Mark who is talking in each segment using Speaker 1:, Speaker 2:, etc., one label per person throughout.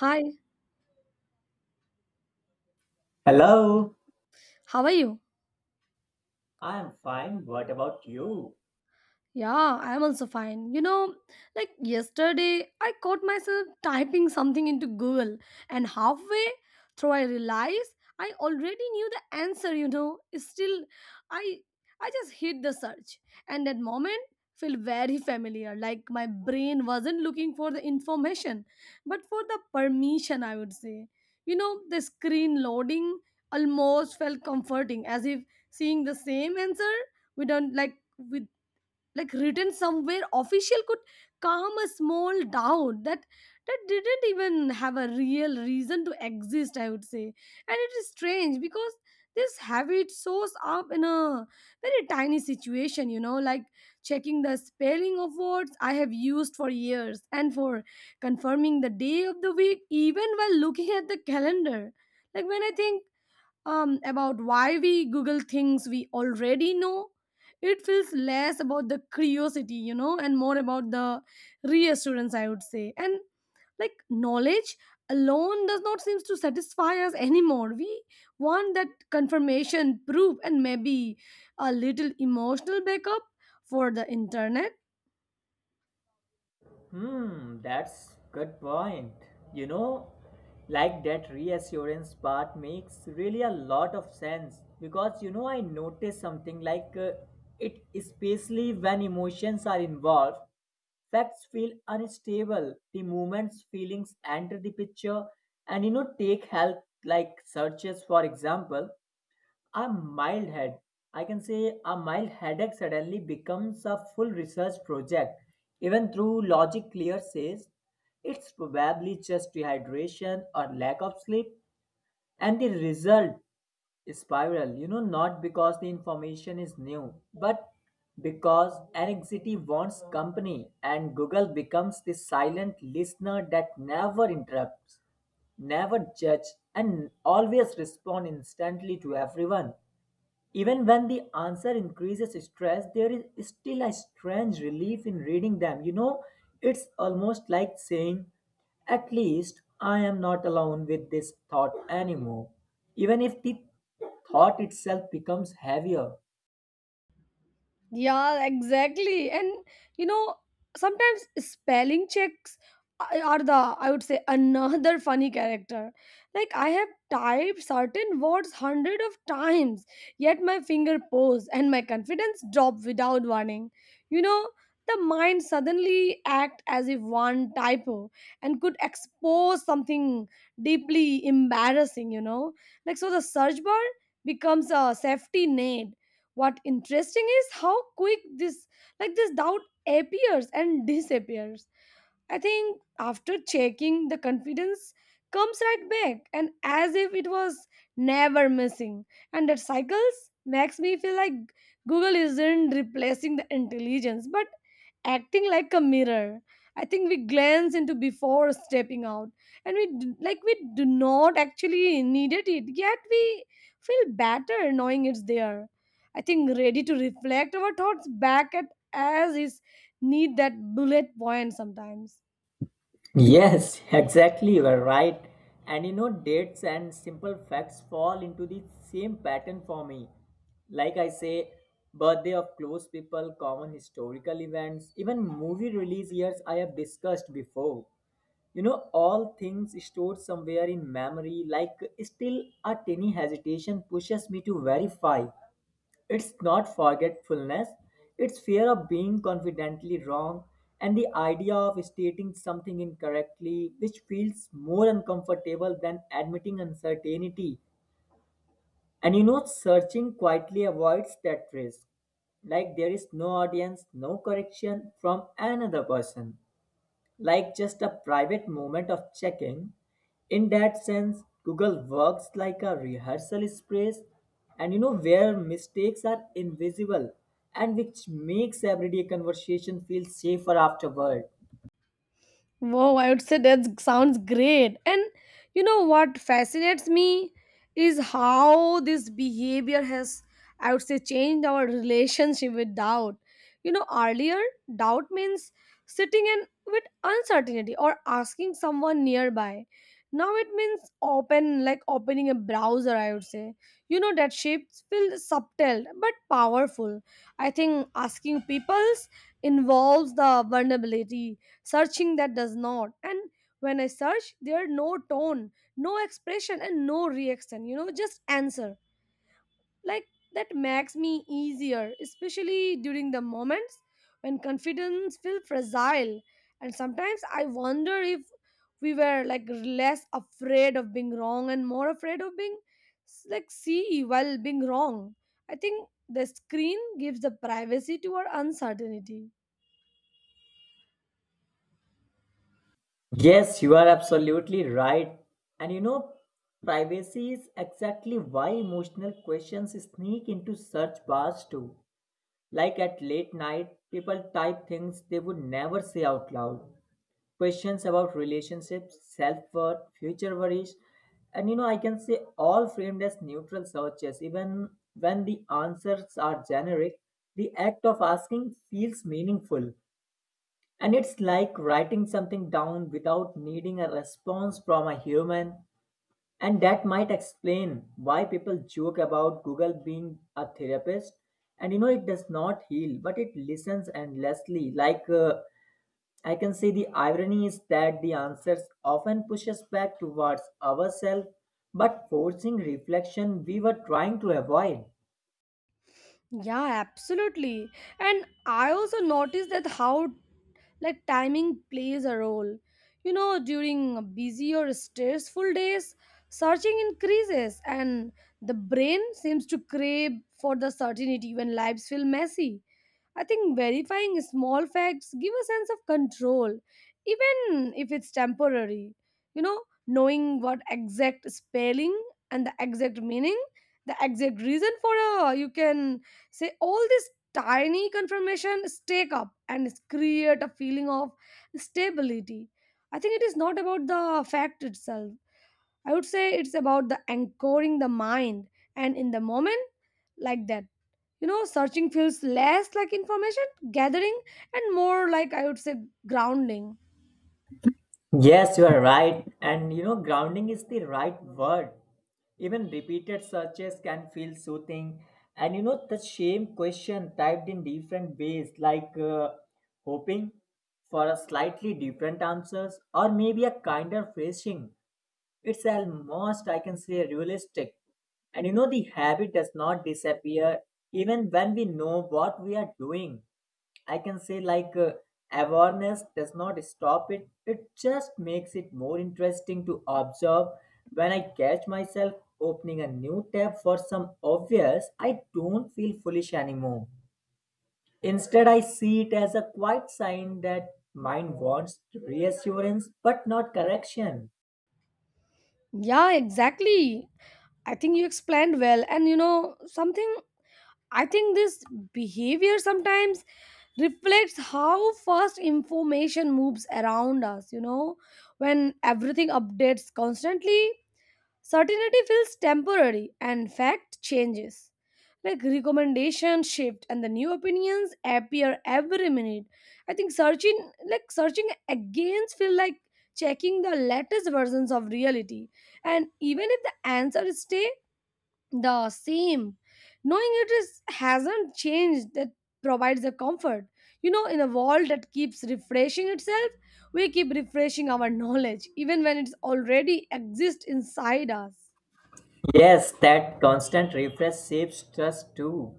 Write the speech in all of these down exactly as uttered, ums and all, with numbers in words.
Speaker 1: Hi,
Speaker 2: Hello,
Speaker 1: how are you?
Speaker 2: I'm fine. What about you?
Speaker 1: Yeah, I'm also fine. You know, like yesterday, I caught myself typing something into Google, and halfway through, I realized I already knew the answer. You know, still, I I just hit the search, and that moment felt very familiar. Like my brain wasn't looking for the information, but for the permission. I would say, you know, the screen loading almost felt comforting, as if seeing the same answer. We don't like with like written somewhere official could calm a small doubt that that didn't even have a real reason to exist, I would say. And it is strange because this habit shows up in a very tiny situation, you know, like checking the spelling of words I have used for years and for confirming the day of the week even while looking at the calendar. Like when I think um, about why we Google things we already know. It feels less about the curiosity, you know, and more about the reassurance, I would say. And like knowledge alone does not seem to satisfy us anymore. We want that confirmation, proof, and maybe a little emotional backup for the internet.
Speaker 2: Hmm, that's good point. You know, like that reassurance part makes really a lot of sense because you know I noticed something like uh, it especially when emotions are involved, facts feel unstable. The moments feelings enter the picture and you know take help like searches for example. A mild head, I can say a mild headache suddenly becomes a full research project, even through logic clear says it's probably just dehydration or lack of sleep, and the result spiral, you know, not because the information is new, but because anxiety wants company and Google becomes the silent listener that never interrupts, never judge, and always respond instantly to everyone. Even when the answer increases stress, there is still a strange relief in reading them. You know, it's almost like saying, at least I am not alone with this thought anymore. Even if the thought itself becomes heavier.
Speaker 1: Yeah, exactly. And you know, sometimes spelling checks a- are the, I would say, another funny character. Like, I have typed certain words hundred of times, yet my finger pose and my confidence drop without warning. You know, the mind suddenly act as if one typo and could expose something deeply embarrassing, you know? Like, so the search bar becomes a safety net. What interesting is how quick this like this doubt appears and disappears. I think after checking, the confidence comes right back, and as if it was never missing. And that cycles makes me feel like Google isn't replacing the intelligence but acting like a mirror I think we glance into before stepping out. And we d- like we do not actually needed it, yet we feel better knowing it's there, I think, ready to reflect our thoughts back at, as is, need that bullet point sometimes.
Speaker 2: Yes, exactly, you are right. And you know, dates and simple facts fall into the same pattern for me. Like I say, birthday of close people, common historical events, even movie release years I have discussed before. You know, all things stored somewhere in memory, like still a tiny hesitation pushes me to verify. It's not forgetfulness, it's fear of being confidently wrong and the idea of stating something incorrectly, which feels more uncomfortable than admitting uncertainty. And you know, searching quietly avoids that risk. Like there is no audience, no correction from another person, like just a private moment of checking. In that sense, Google works like a rehearsal space and you know where mistakes are invisible and which makes everyday conversation feel safer afterward.
Speaker 1: Wow, I would say that sounds great. And you know what fascinates me is how this behavior has, I would say, changed our relationship with doubt. You know, earlier, doubt means sitting in with uncertainty or asking someone nearby. Now it means open, like opening a browser, I would say. You know, that shapes feel subtle but powerful. I think asking peoples involves the vulnerability, searching that does not. And when I search, there are no tone, no expression, and no reaction, you know, just answer. Like that makes me easier, especially during the moments when confidence feels fragile. And sometimes I wonder if we were like less afraid of being wrong and more afraid of being like see while being wrong. I think the screen gives the privacy to our uncertainty.
Speaker 2: Yes, you are absolutely right. And you know, privacy is exactly why emotional questions sneak into search bars too. Like at late night, people type things they would never say out loud, questions about relationships, self-worth, future worries, and you know, I can say all framed as neutral searches. Even when the answers are generic, the act of asking feels meaningful. And it's like writing something down without needing a response from a human. And that might explain why people joke about Google being a therapist. And you know, it does not heal, but it listens endlessly, like uh, I can see the irony is that the answers often push us back towards ourselves, but forcing reflection we were trying to avoid.
Speaker 1: Yeah, absolutely. And I also noticed that how like timing plays a role. You know, during busy or stressful days, searching increases, and the brain seems to crave for the certainty when lives feel messy. I think verifying small facts give a sense of control, even if it's temporary. You know, knowing what exact spelling and the exact meaning, the exact reason for a, you can say, all these tiny confirmation stack up and create a feeling of stability. I think it is not about the fact itself, I would say, it's about the anchoring the mind and in the moment. Like that, you know, searching feels less like information gathering and more like, I would say, grounding.
Speaker 2: Yes, you are right. And you know, grounding is the right word. Even repeated searches can feel soothing. And you know, the same question typed in different ways, like uh, hoping for a slightly different answers or maybe a kinder phrasing. It's almost, I can say, realistic. And you know, the habit does not disappear even when we know what we are doing. I can say, like, uh, awareness does not stop it, it just makes it more interesting to observe. When I catch myself opening a new tab for some obvious, I don't feel foolish anymore. Instead, I see it as a quiet sign that mind wants reassurance but not correction.
Speaker 1: Yeah, exactly. I think you explained well. And you know something, I think this behavior sometimes reflects how fast information moves around us. You know, when everything updates constantly, certainty feels temporary and fact changes. Like recommendations shift and the new opinions appear every minute. I think searching, like searching against, feel like checking the latest versions of reality. And even if the answers stay the same, knowing it is hasn't changed, that provides a comfort. You know, in a world that keeps refreshing itself, we keep refreshing our knowledge even when it's already exists inside us.
Speaker 2: Yes, that constant refresh shapes trust too.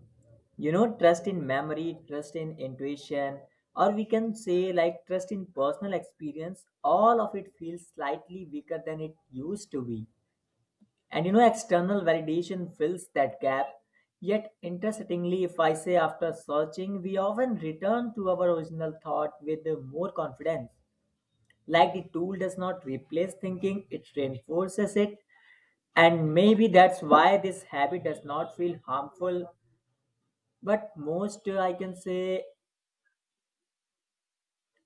Speaker 2: You know, trust in memory, trust in intuition, or we can say like trust in personal experience, all of it feels slightly weaker than it used to be. And you know, external validation fills that gap. Yet, interestingly, if I say after searching, we often return to our original thought with uh, more confidence. Like the tool does not replace thinking, it reinforces it, and maybe that's why this habit does not feel harmful but most uh, I can say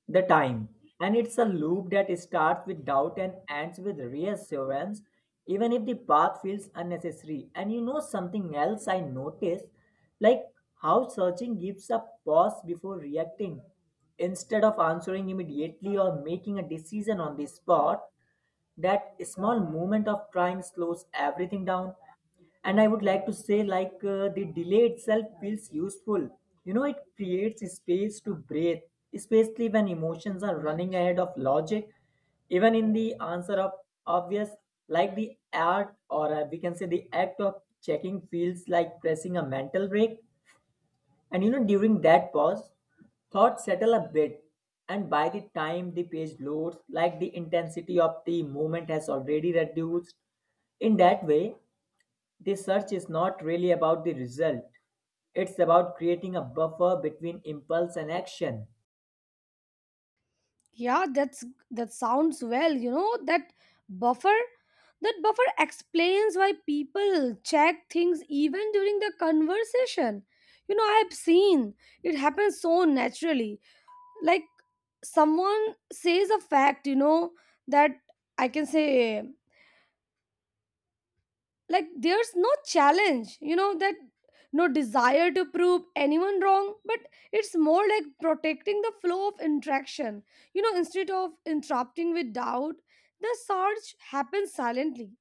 Speaker 2: the time. And it's a loop that starts with doubt and ends with reassurance, even if the path feels unnecessary. And you know something else I noticed, like how searching gives a pause before reacting instead of answering immediately or making a decision on the spot. That small moment of time slows everything down, and I would like to say like uh, the delay itself feels useful. You know, it creates space to breathe, especially when emotions are running ahead of logic. Even in the answer of obvious, like the art or uh, we can say the act of checking feels like pressing a mental break. And you know, during that pause, thoughts settle a bit, and by the time the page loads, like the intensity of the movement has already reduced. In that way, the search is not really about the result, it's about creating a buffer between impulse and action.
Speaker 1: Yeah, that's, that sounds well. You know, that buffer that buffer explains why people check things even during the conversation. You know, I've seen it happens so naturally. Like someone says a fact, you know that, I can say, like there's no challenge, you know that, no desire to prove anyone wrong, but it's more like protecting the flow of interaction. You know, instead of interrupting with doubt, the search happens silently,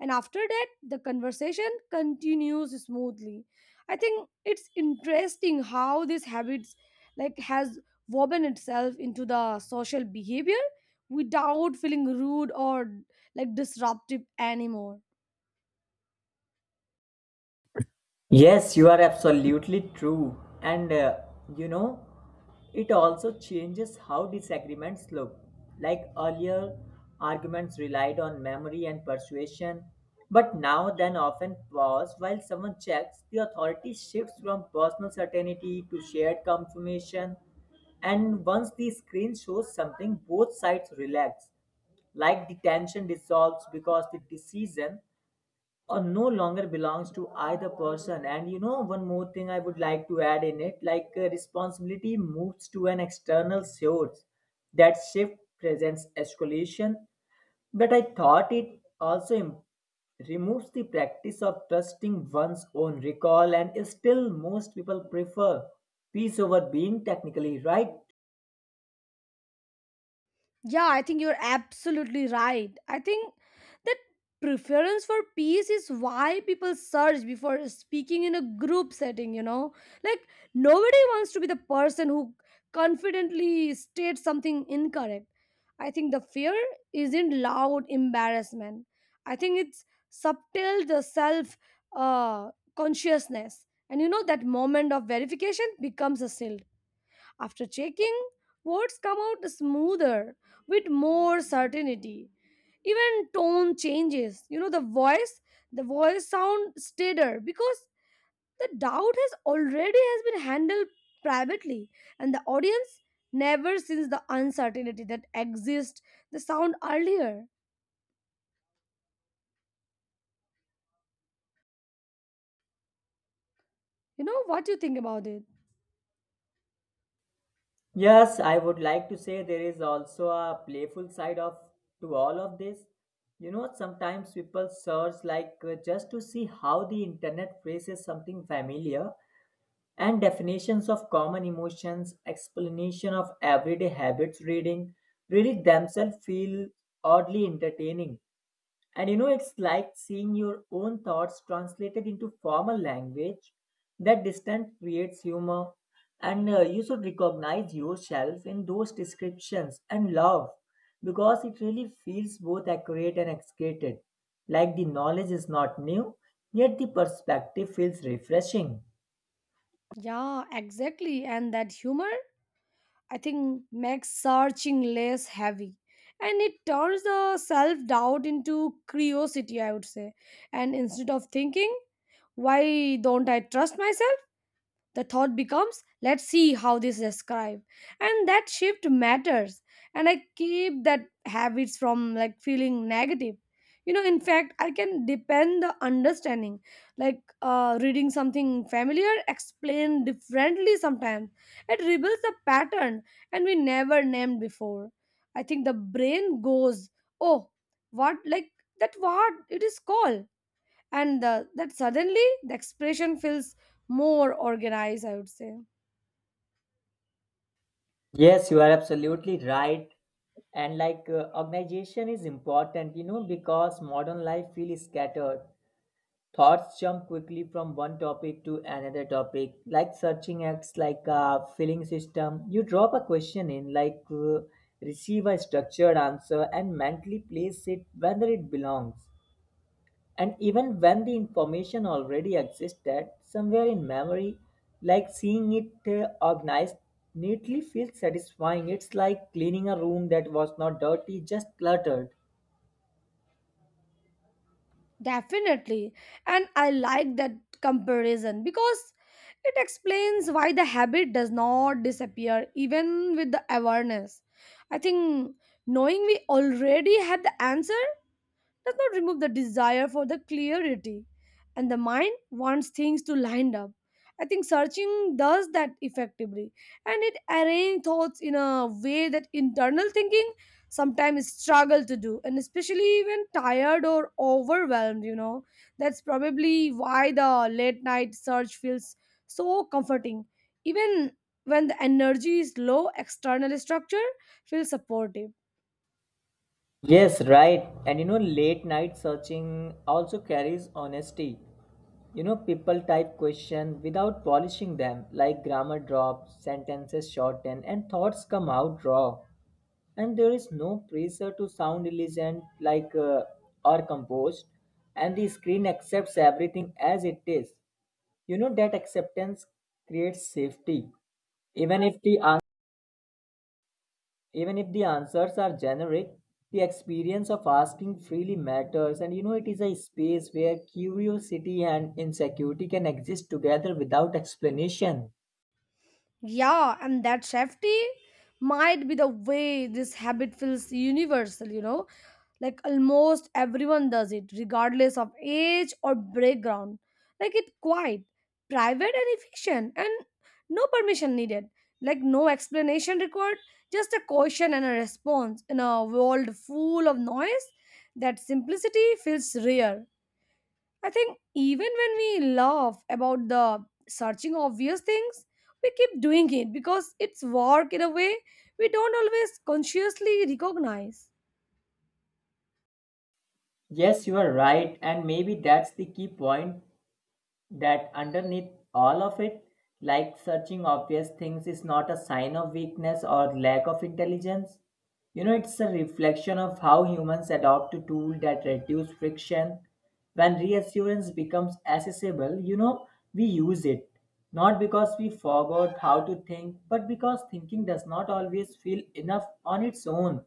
Speaker 1: and after that the conversation continues smoothly. I think it's interesting how this habits like has woven itself into the social behavior without feeling rude or like disruptive anymore.
Speaker 2: Yes, you are absolutely true. And uh, you know, it also changes how disagreements look. Like earlier, arguments relied on memory and persuasion, but now then often pause while someone checks. The authority shifts from personal certainty to shared confirmation. And once the screen shows something, both sides relax. Like the tension dissolves because the decision or no longer belongs to either person. And you know, one more thing I would like to add in it, like uh, responsibility moves to an external source. That shift presents escalation, but I thought it also im- removes the practice of trusting one's own recall, and still most people prefer peace over being technically right.
Speaker 1: Yeah, I think you're absolutely right. I think that preference for peace is why people search before speaking in a group setting, you know? Like, nobody wants to be the person who confidently states something incorrect. I think the fear isn't loud embarrassment, I think it's subtle, the self uh, consciousness. And you know, that moment of verification becomes a shield. After checking, words come out smoother with more certainty. Even tone changes. You know, the voice, the voice sound steadier because the doubt has already has been handled privately, and the audience never sees the uncertainty that exists the sound earlier. You know what you think about it?
Speaker 2: Yes, I would like to say there is also a playful side of to all of this. You know, sometimes people search like uh, just to see how the internet phrases something familiar, and definitions of common emotions, explanation of everyday habits reading really themselves feel oddly entertaining. And you know, it's like seeing your own thoughts translated into formal language. That distance creates humor, and uh, you should recognize yourself in those descriptions and love because it really feels both accurate and excited. Like the knowledge is not new, yet the perspective feels refreshing.
Speaker 1: Yeah, exactly. And that humor, I think, makes searching less heavy. And it turns the self doubt into curiosity, I would say. And instead of thinking, why don't I trust myself? The thought becomes let's see how this describe. And that shift matters, and I keep that habits from like feeling negative. You know, in fact, I can depend the understanding. Like uh, reading something familiar explained differently sometimes, it reveals the pattern and we never named before. I think the brain goes, oh, what, like that what it is called. And uh, that suddenly the expression feels more organized, I would say.
Speaker 2: Yes, you are absolutely right. And like uh, organization is important, you know, because modern life feels scattered. Thoughts jump quickly from one topic to another topic, like searching acts like a filling system. You drop a question in like uh, receive a structured answer and mentally place it whether it belongs. And even when the information already existed somewhere in memory, like seeing it uh, organized neatly feels satisfying. It's like cleaning a room that was not dirty, just cluttered.
Speaker 1: Definitely. And I like that comparison because it explains why the habit does not disappear even with the awareness. I think knowing we already had the answer does not remove the desire for the clarity, and the mind wants things to line up. I think searching does that effectively, and it arranges thoughts in a way that internal thinking sometimes struggle to do, and especially when tired or overwhelmed. You know, that's probably why the late night search feels so comforting, even when the energy is low. External structure feels supportive.
Speaker 2: Yes, right. And you know, late night searching also carries honesty. You know, people type questions without polishing them, like grammar drops, sentences shorten, and thoughts come out raw. And there is no pressure to sound elegant, like uh, or composed, and the screen accepts everything as it is. You know that acceptance creates safety, even if the even if the answers are generic, the experience of asking freely matters. And you know, it is a space where curiosity and insecurity can exist together without explanation.
Speaker 1: Yeah, and that safety might be the way this habit feels universal, you know? Like almost everyone does it, regardless of age or background. Like it's quiet, private, and efficient, and no permission needed. Like no explanation required, just a question and a response in a world full of noise. That simplicity feels rare. I think even when we laugh about the searching obvious things, we keep doing it because it's work in a way we don't always consciously recognize.
Speaker 2: Yes, you are right. And maybe that's the key point, that underneath all of it, like searching obvious things is not a sign of weakness or lack of intelligence. You know, it's a reflection of how humans adopt to tools that reduce friction. When reassurance becomes accessible, you know, we use it. Not because we forgot how to think, but because thinking does not always feel enough on its own.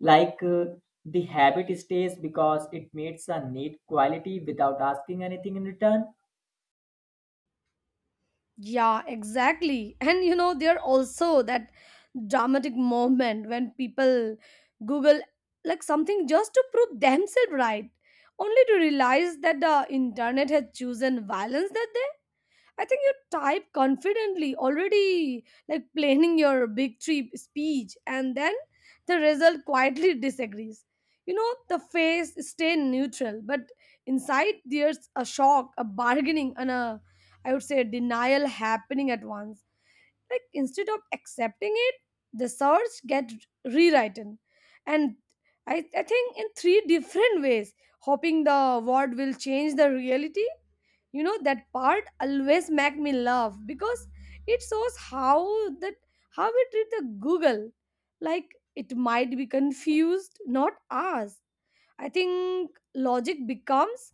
Speaker 2: Like uh, the habit stays because it meets a need quality without asking anything in return.
Speaker 1: Yeah, exactly. And you know, there also that dramatic moment when people Google like something just to prove themselves right, only to realize that the internet had chosen violence that day. I think you type confidently already, like planning your big trip speech, and then the result quietly disagrees. You know, the face stay neutral, but inside there's a shock, a bargaining, and a, I would say, a denial happening at once. Like instead of accepting it, the search get rewritten, and I, I think in three different ways, hoping the word will change the reality. You know, that part always make me laugh because it shows how that how we treat the Google like it might be confused, not us. I think logic becomes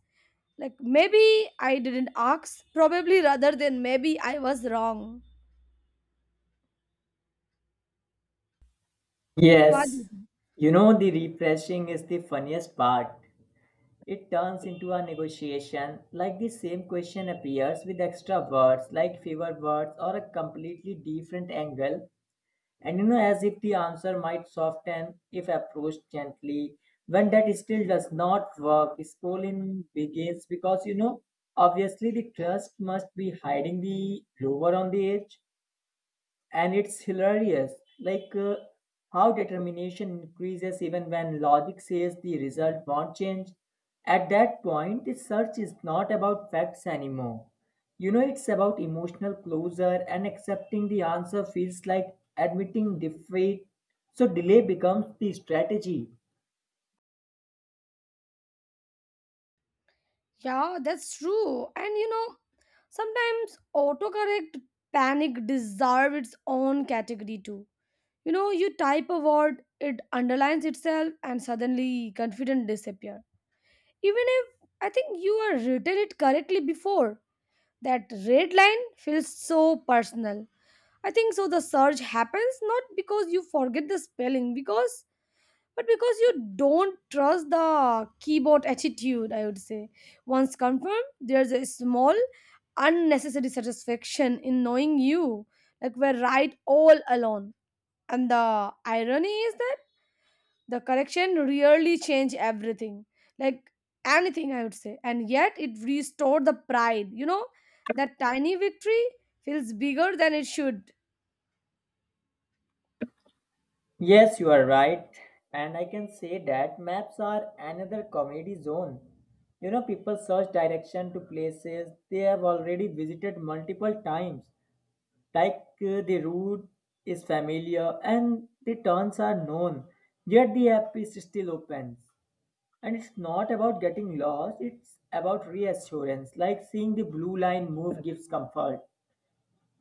Speaker 1: like maybe I didn't ask probably rather than maybe I was wrong. What do you
Speaker 2: Yes,
Speaker 1: think?
Speaker 2: you know, the refreshing is the funniest part. It turns into a negotiation, like the same question appears with extra words, like fewer words, or a completely different angle. And you know, as if the answer might soften if approached gently. When that still does not work, scrolling begins because you know, obviously, the trust must be hiding the rover on the edge. And it's hilarious, like uh, how determination increases even when logic says the result won't change. At that point the search is not about facts anymore. You know, it's about emotional closure, and accepting the answer feels like admitting defeat, so delay becomes the strategy.
Speaker 1: Yeah, that's true. And you know, sometimes autocorrect panic deserve its own category too. You know, you type a word, it underlines itself, and suddenly confidence disappear. Even if I think you are written it correctly before, that red line feels so personal. I think so. The surge happens not because you forget the spelling, because but because you don't trust the keyboard attitude, I would say. Once confirmed, there's a small unnecessary satisfaction in knowing you like we're right all alone. And the irony is that the correction really changed everything, like anything, I would say, and yet it restored the pride. You know, that tiny victory feels bigger than it should.
Speaker 2: Yes, you are right. And I can say that maps are another comedy zone. You know, people search direction to places they have already visited multiple times. Like uh, the route is familiar and the turns are known, yet the app is still open. And it's not about getting lost, it's about reassurance. Like seeing the blue line move gives comfort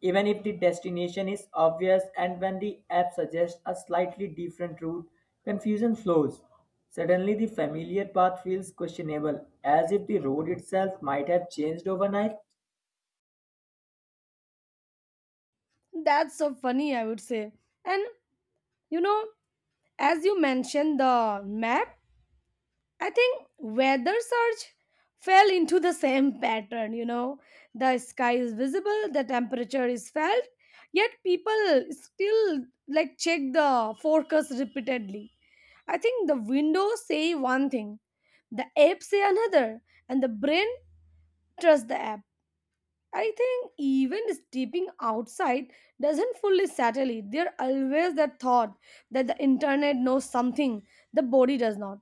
Speaker 2: even if the destination is obvious. And when the app suggests a slightly different route, confusion flows. Suddenly, the familiar path feels questionable, as if the road itself might have changed overnight.
Speaker 1: That's so funny, I would say. And you know, as you mentioned the map, I think weather search fell into the same pattern, you know. The sky is visible, the temperature is felt, yet people still like check the forecast repeatedly. I think the windows say one thing, the app say another, and the brain trust the app. I think even stepping outside doesn't fully settle it. There always that thought that the internet knows something the body does not.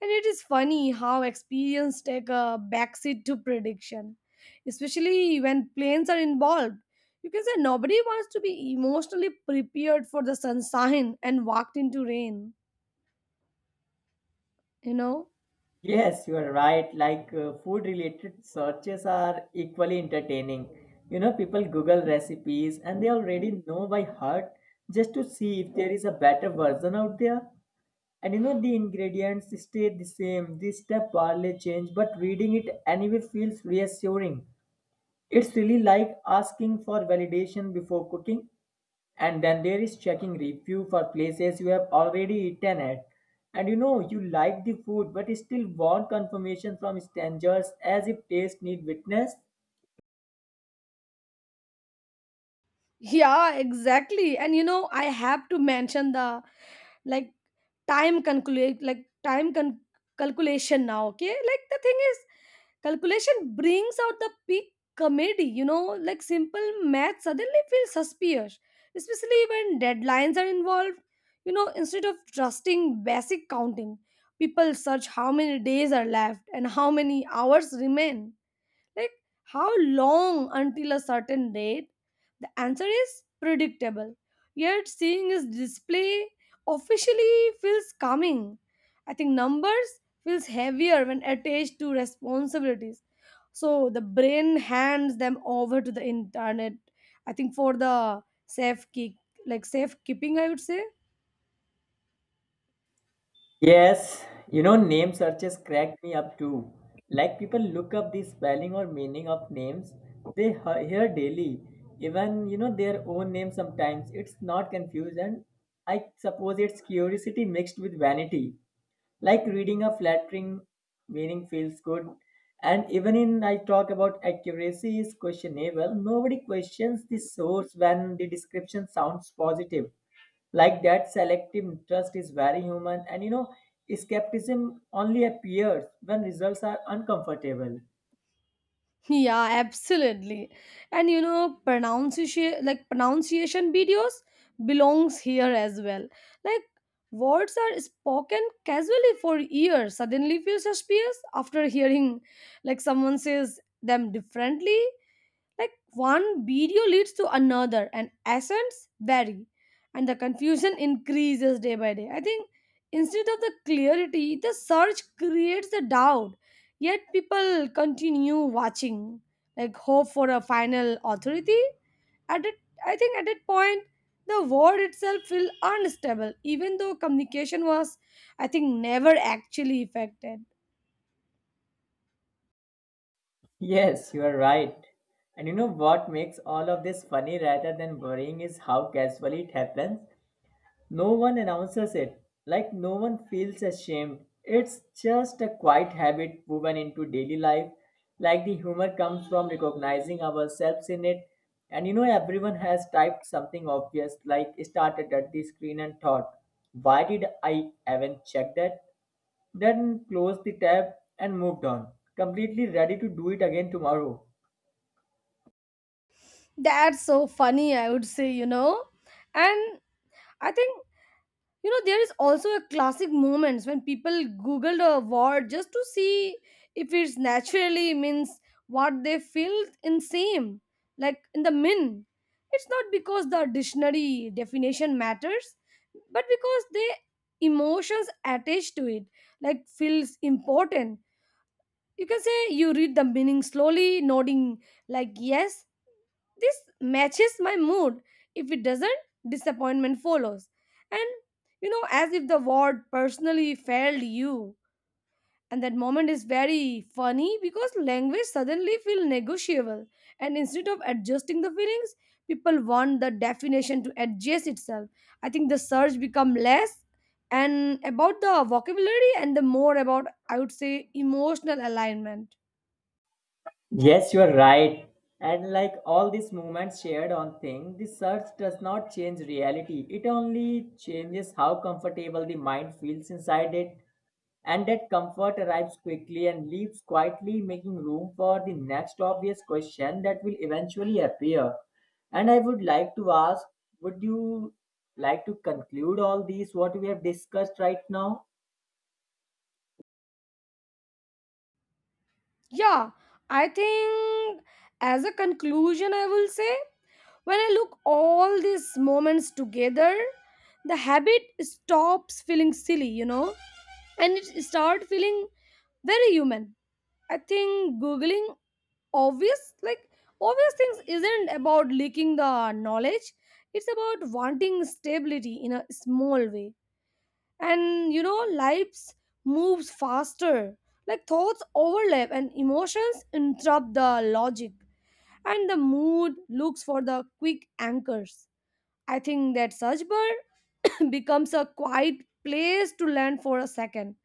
Speaker 1: And it is funny how experience take a backseat to prediction, especially when planes are involved. You can say nobody wants to be emotionally prepared for the sunshine and walked into rain, you know?
Speaker 2: Yes, you are right. Like uh, food related searches are equally entertaining. You know, people Google recipes and they already know by heart just to see if there is a better version out there. And you know, the ingredients stay the same. This step barely change, but reading it anyway feels reassuring. It's really like asking for validation before cooking. And then there is checking review for places you have already eaten at. And you know, you like the food, but still want confirmation from strangers as if taste need witness.
Speaker 1: Yeah, exactly. And you know, I have to mention the like time calculate like time con- calculation now. Okay, like the thing is, calculation brings out the peak comedy. You know, like simple math suddenly feels suspicious, especially when deadlines are involved. You know, instead of trusting basic counting, people search how many days are left and how many hours remain. Like, how long until a certain date? The answer is predictable. Yet, seeing his display officially feels calming. I think numbers feels heavier when attached to responsibilities. So the brain hands them over to the internet. I think for the safe kick, like safe keeping, I would say.
Speaker 2: Yes, you know, name searches crack me up too. Like people look up the spelling or meaning of names they he- hear daily. Even, you know, their own name sometimes. It's not confusion. I suppose it's curiosity mixed with vanity, like reading a flattering meaning feels good. And even in I talk about accuracy is questionable, nobody questions the source when the description sounds positive. Like that selective trust is very human. And you know, skepticism only appears when results are uncomfortable.
Speaker 1: Yeah, absolutely. And you know, pronunciation like pronunciation videos belongs here as well. Like words are spoken casually for years, suddenly feel suspicious after hearing like someone says them differently. Like one video leads to another, and accents vary, and the confusion increases day by day. I think instead of the clarity, the search creates the doubt, yet people continue watching, like hope for a final authority. At it, I think at that point, the world itself felt unstable, even though communication was, I think, never actually affected.
Speaker 2: Yes, you are right. And you know what makes all of this funny rather than worrying is how casually it happens. No one announces it, like no one feels ashamed. It's just a quiet habit woven into daily life, like the humor comes from recognizing ourselves in it. And you know, everyone has typed something obvious, like started at the screen and thought, why did I even check that? Then closed the tab and moved on, completely ready to do it again tomorrow.
Speaker 1: That's so funny, I would say, you know. And I think you know there is also a classic moments when people googled a word just to see if it's naturally means what they feel in same like in the min, it's not because the dictionary definition matters but because the emotions attached to it like feels important. You can say you read the meaning slowly, nodding, like, yes, this matches my mood. If it doesn't, disappointment follows. And, you know, as if the word personally failed you. And that moment is very funny because language suddenly feels negotiable. And instead of adjusting the feelings, people want the definition to adjust itself. I think the search become less and about the vocabulary and the more about, I would say, emotional alignment.
Speaker 2: Yes, you are right. And like all these moments shared on thing, the search does not change reality. It only changes how comfortable the mind feels inside it. And that comfort arrives quickly and leaves quietly, making room for the next obvious question that will eventually appear. And I would like to ask, would you like to conclude all these what we have discussed right now?
Speaker 1: Yeah, I think as a conclusion, I will say when I look all these moments together, the habit stops feeling silly, you know, and it start feeling very human. I think googling obvious like obvious things isn't about leaking the knowledge. It's about wanting stability in a small way, and you know lives moves faster, like thoughts overlap and emotions interrupt the logic, and the mood looks for the quick anchors. I think that such bird becomes a quiet place to land for a second,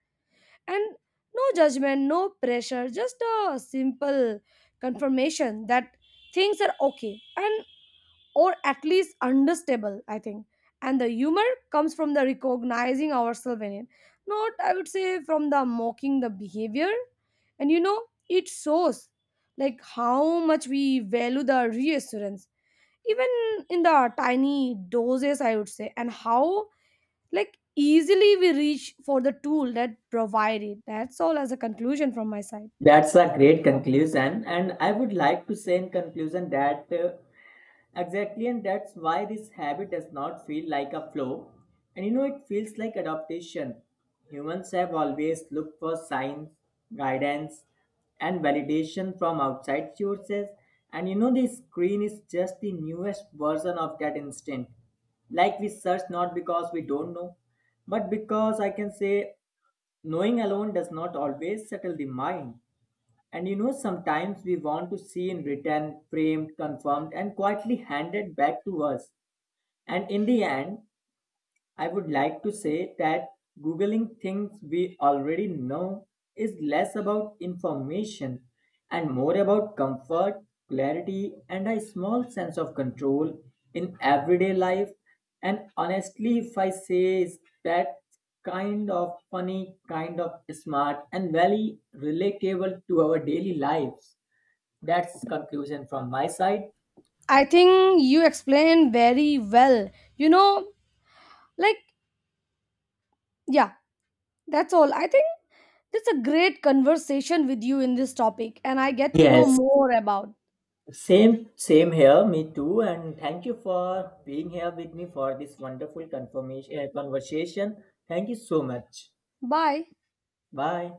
Speaker 1: and no judgment, no pressure, just a simple confirmation that things are okay and or at least understandable, I think. And the humor comes from the recognizing ourselves in it, not I would say from the mocking the behavior. And you know, it shows like how much we value the reassurance, even in the tiny doses, I would say, and how like easily we reach for the tool that provide it. That's all as a conclusion from my side.
Speaker 2: That's a great conclusion. And I would like to say in conclusion that uh, exactly, and that's why this habit does not feel like a flow. And you know, it feels like adaptation. Humans have always looked for signs, guidance, and validation from outside sources. And you know, the screen is just the newest version of that instinct. Like we search not because we don't know, but because I can say knowing alone does not always settle the mind. And you know, sometimes we want to see in written, framed, confirmed, and quietly handed back to us. And in the end, I would like to say that Googling things we already know is less about information and more about comfort, clarity, and a small sense of control in everyday life. And honestly, if I say is that kind of funny, kind of smart, and very relatable to our daily lives. That's conclusion from my side.
Speaker 1: I think you explained very well. You know, like yeah. That's all. I think that's a great conversation with you in this topic, and I get to know
Speaker 2: Yes,
Speaker 1: more about.
Speaker 2: same, same here, me too. And thank you for being here with me for this wonderful confirmation, uh, conversation. Thank you so much.
Speaker 1: Bye.
Speaker 2: Bye.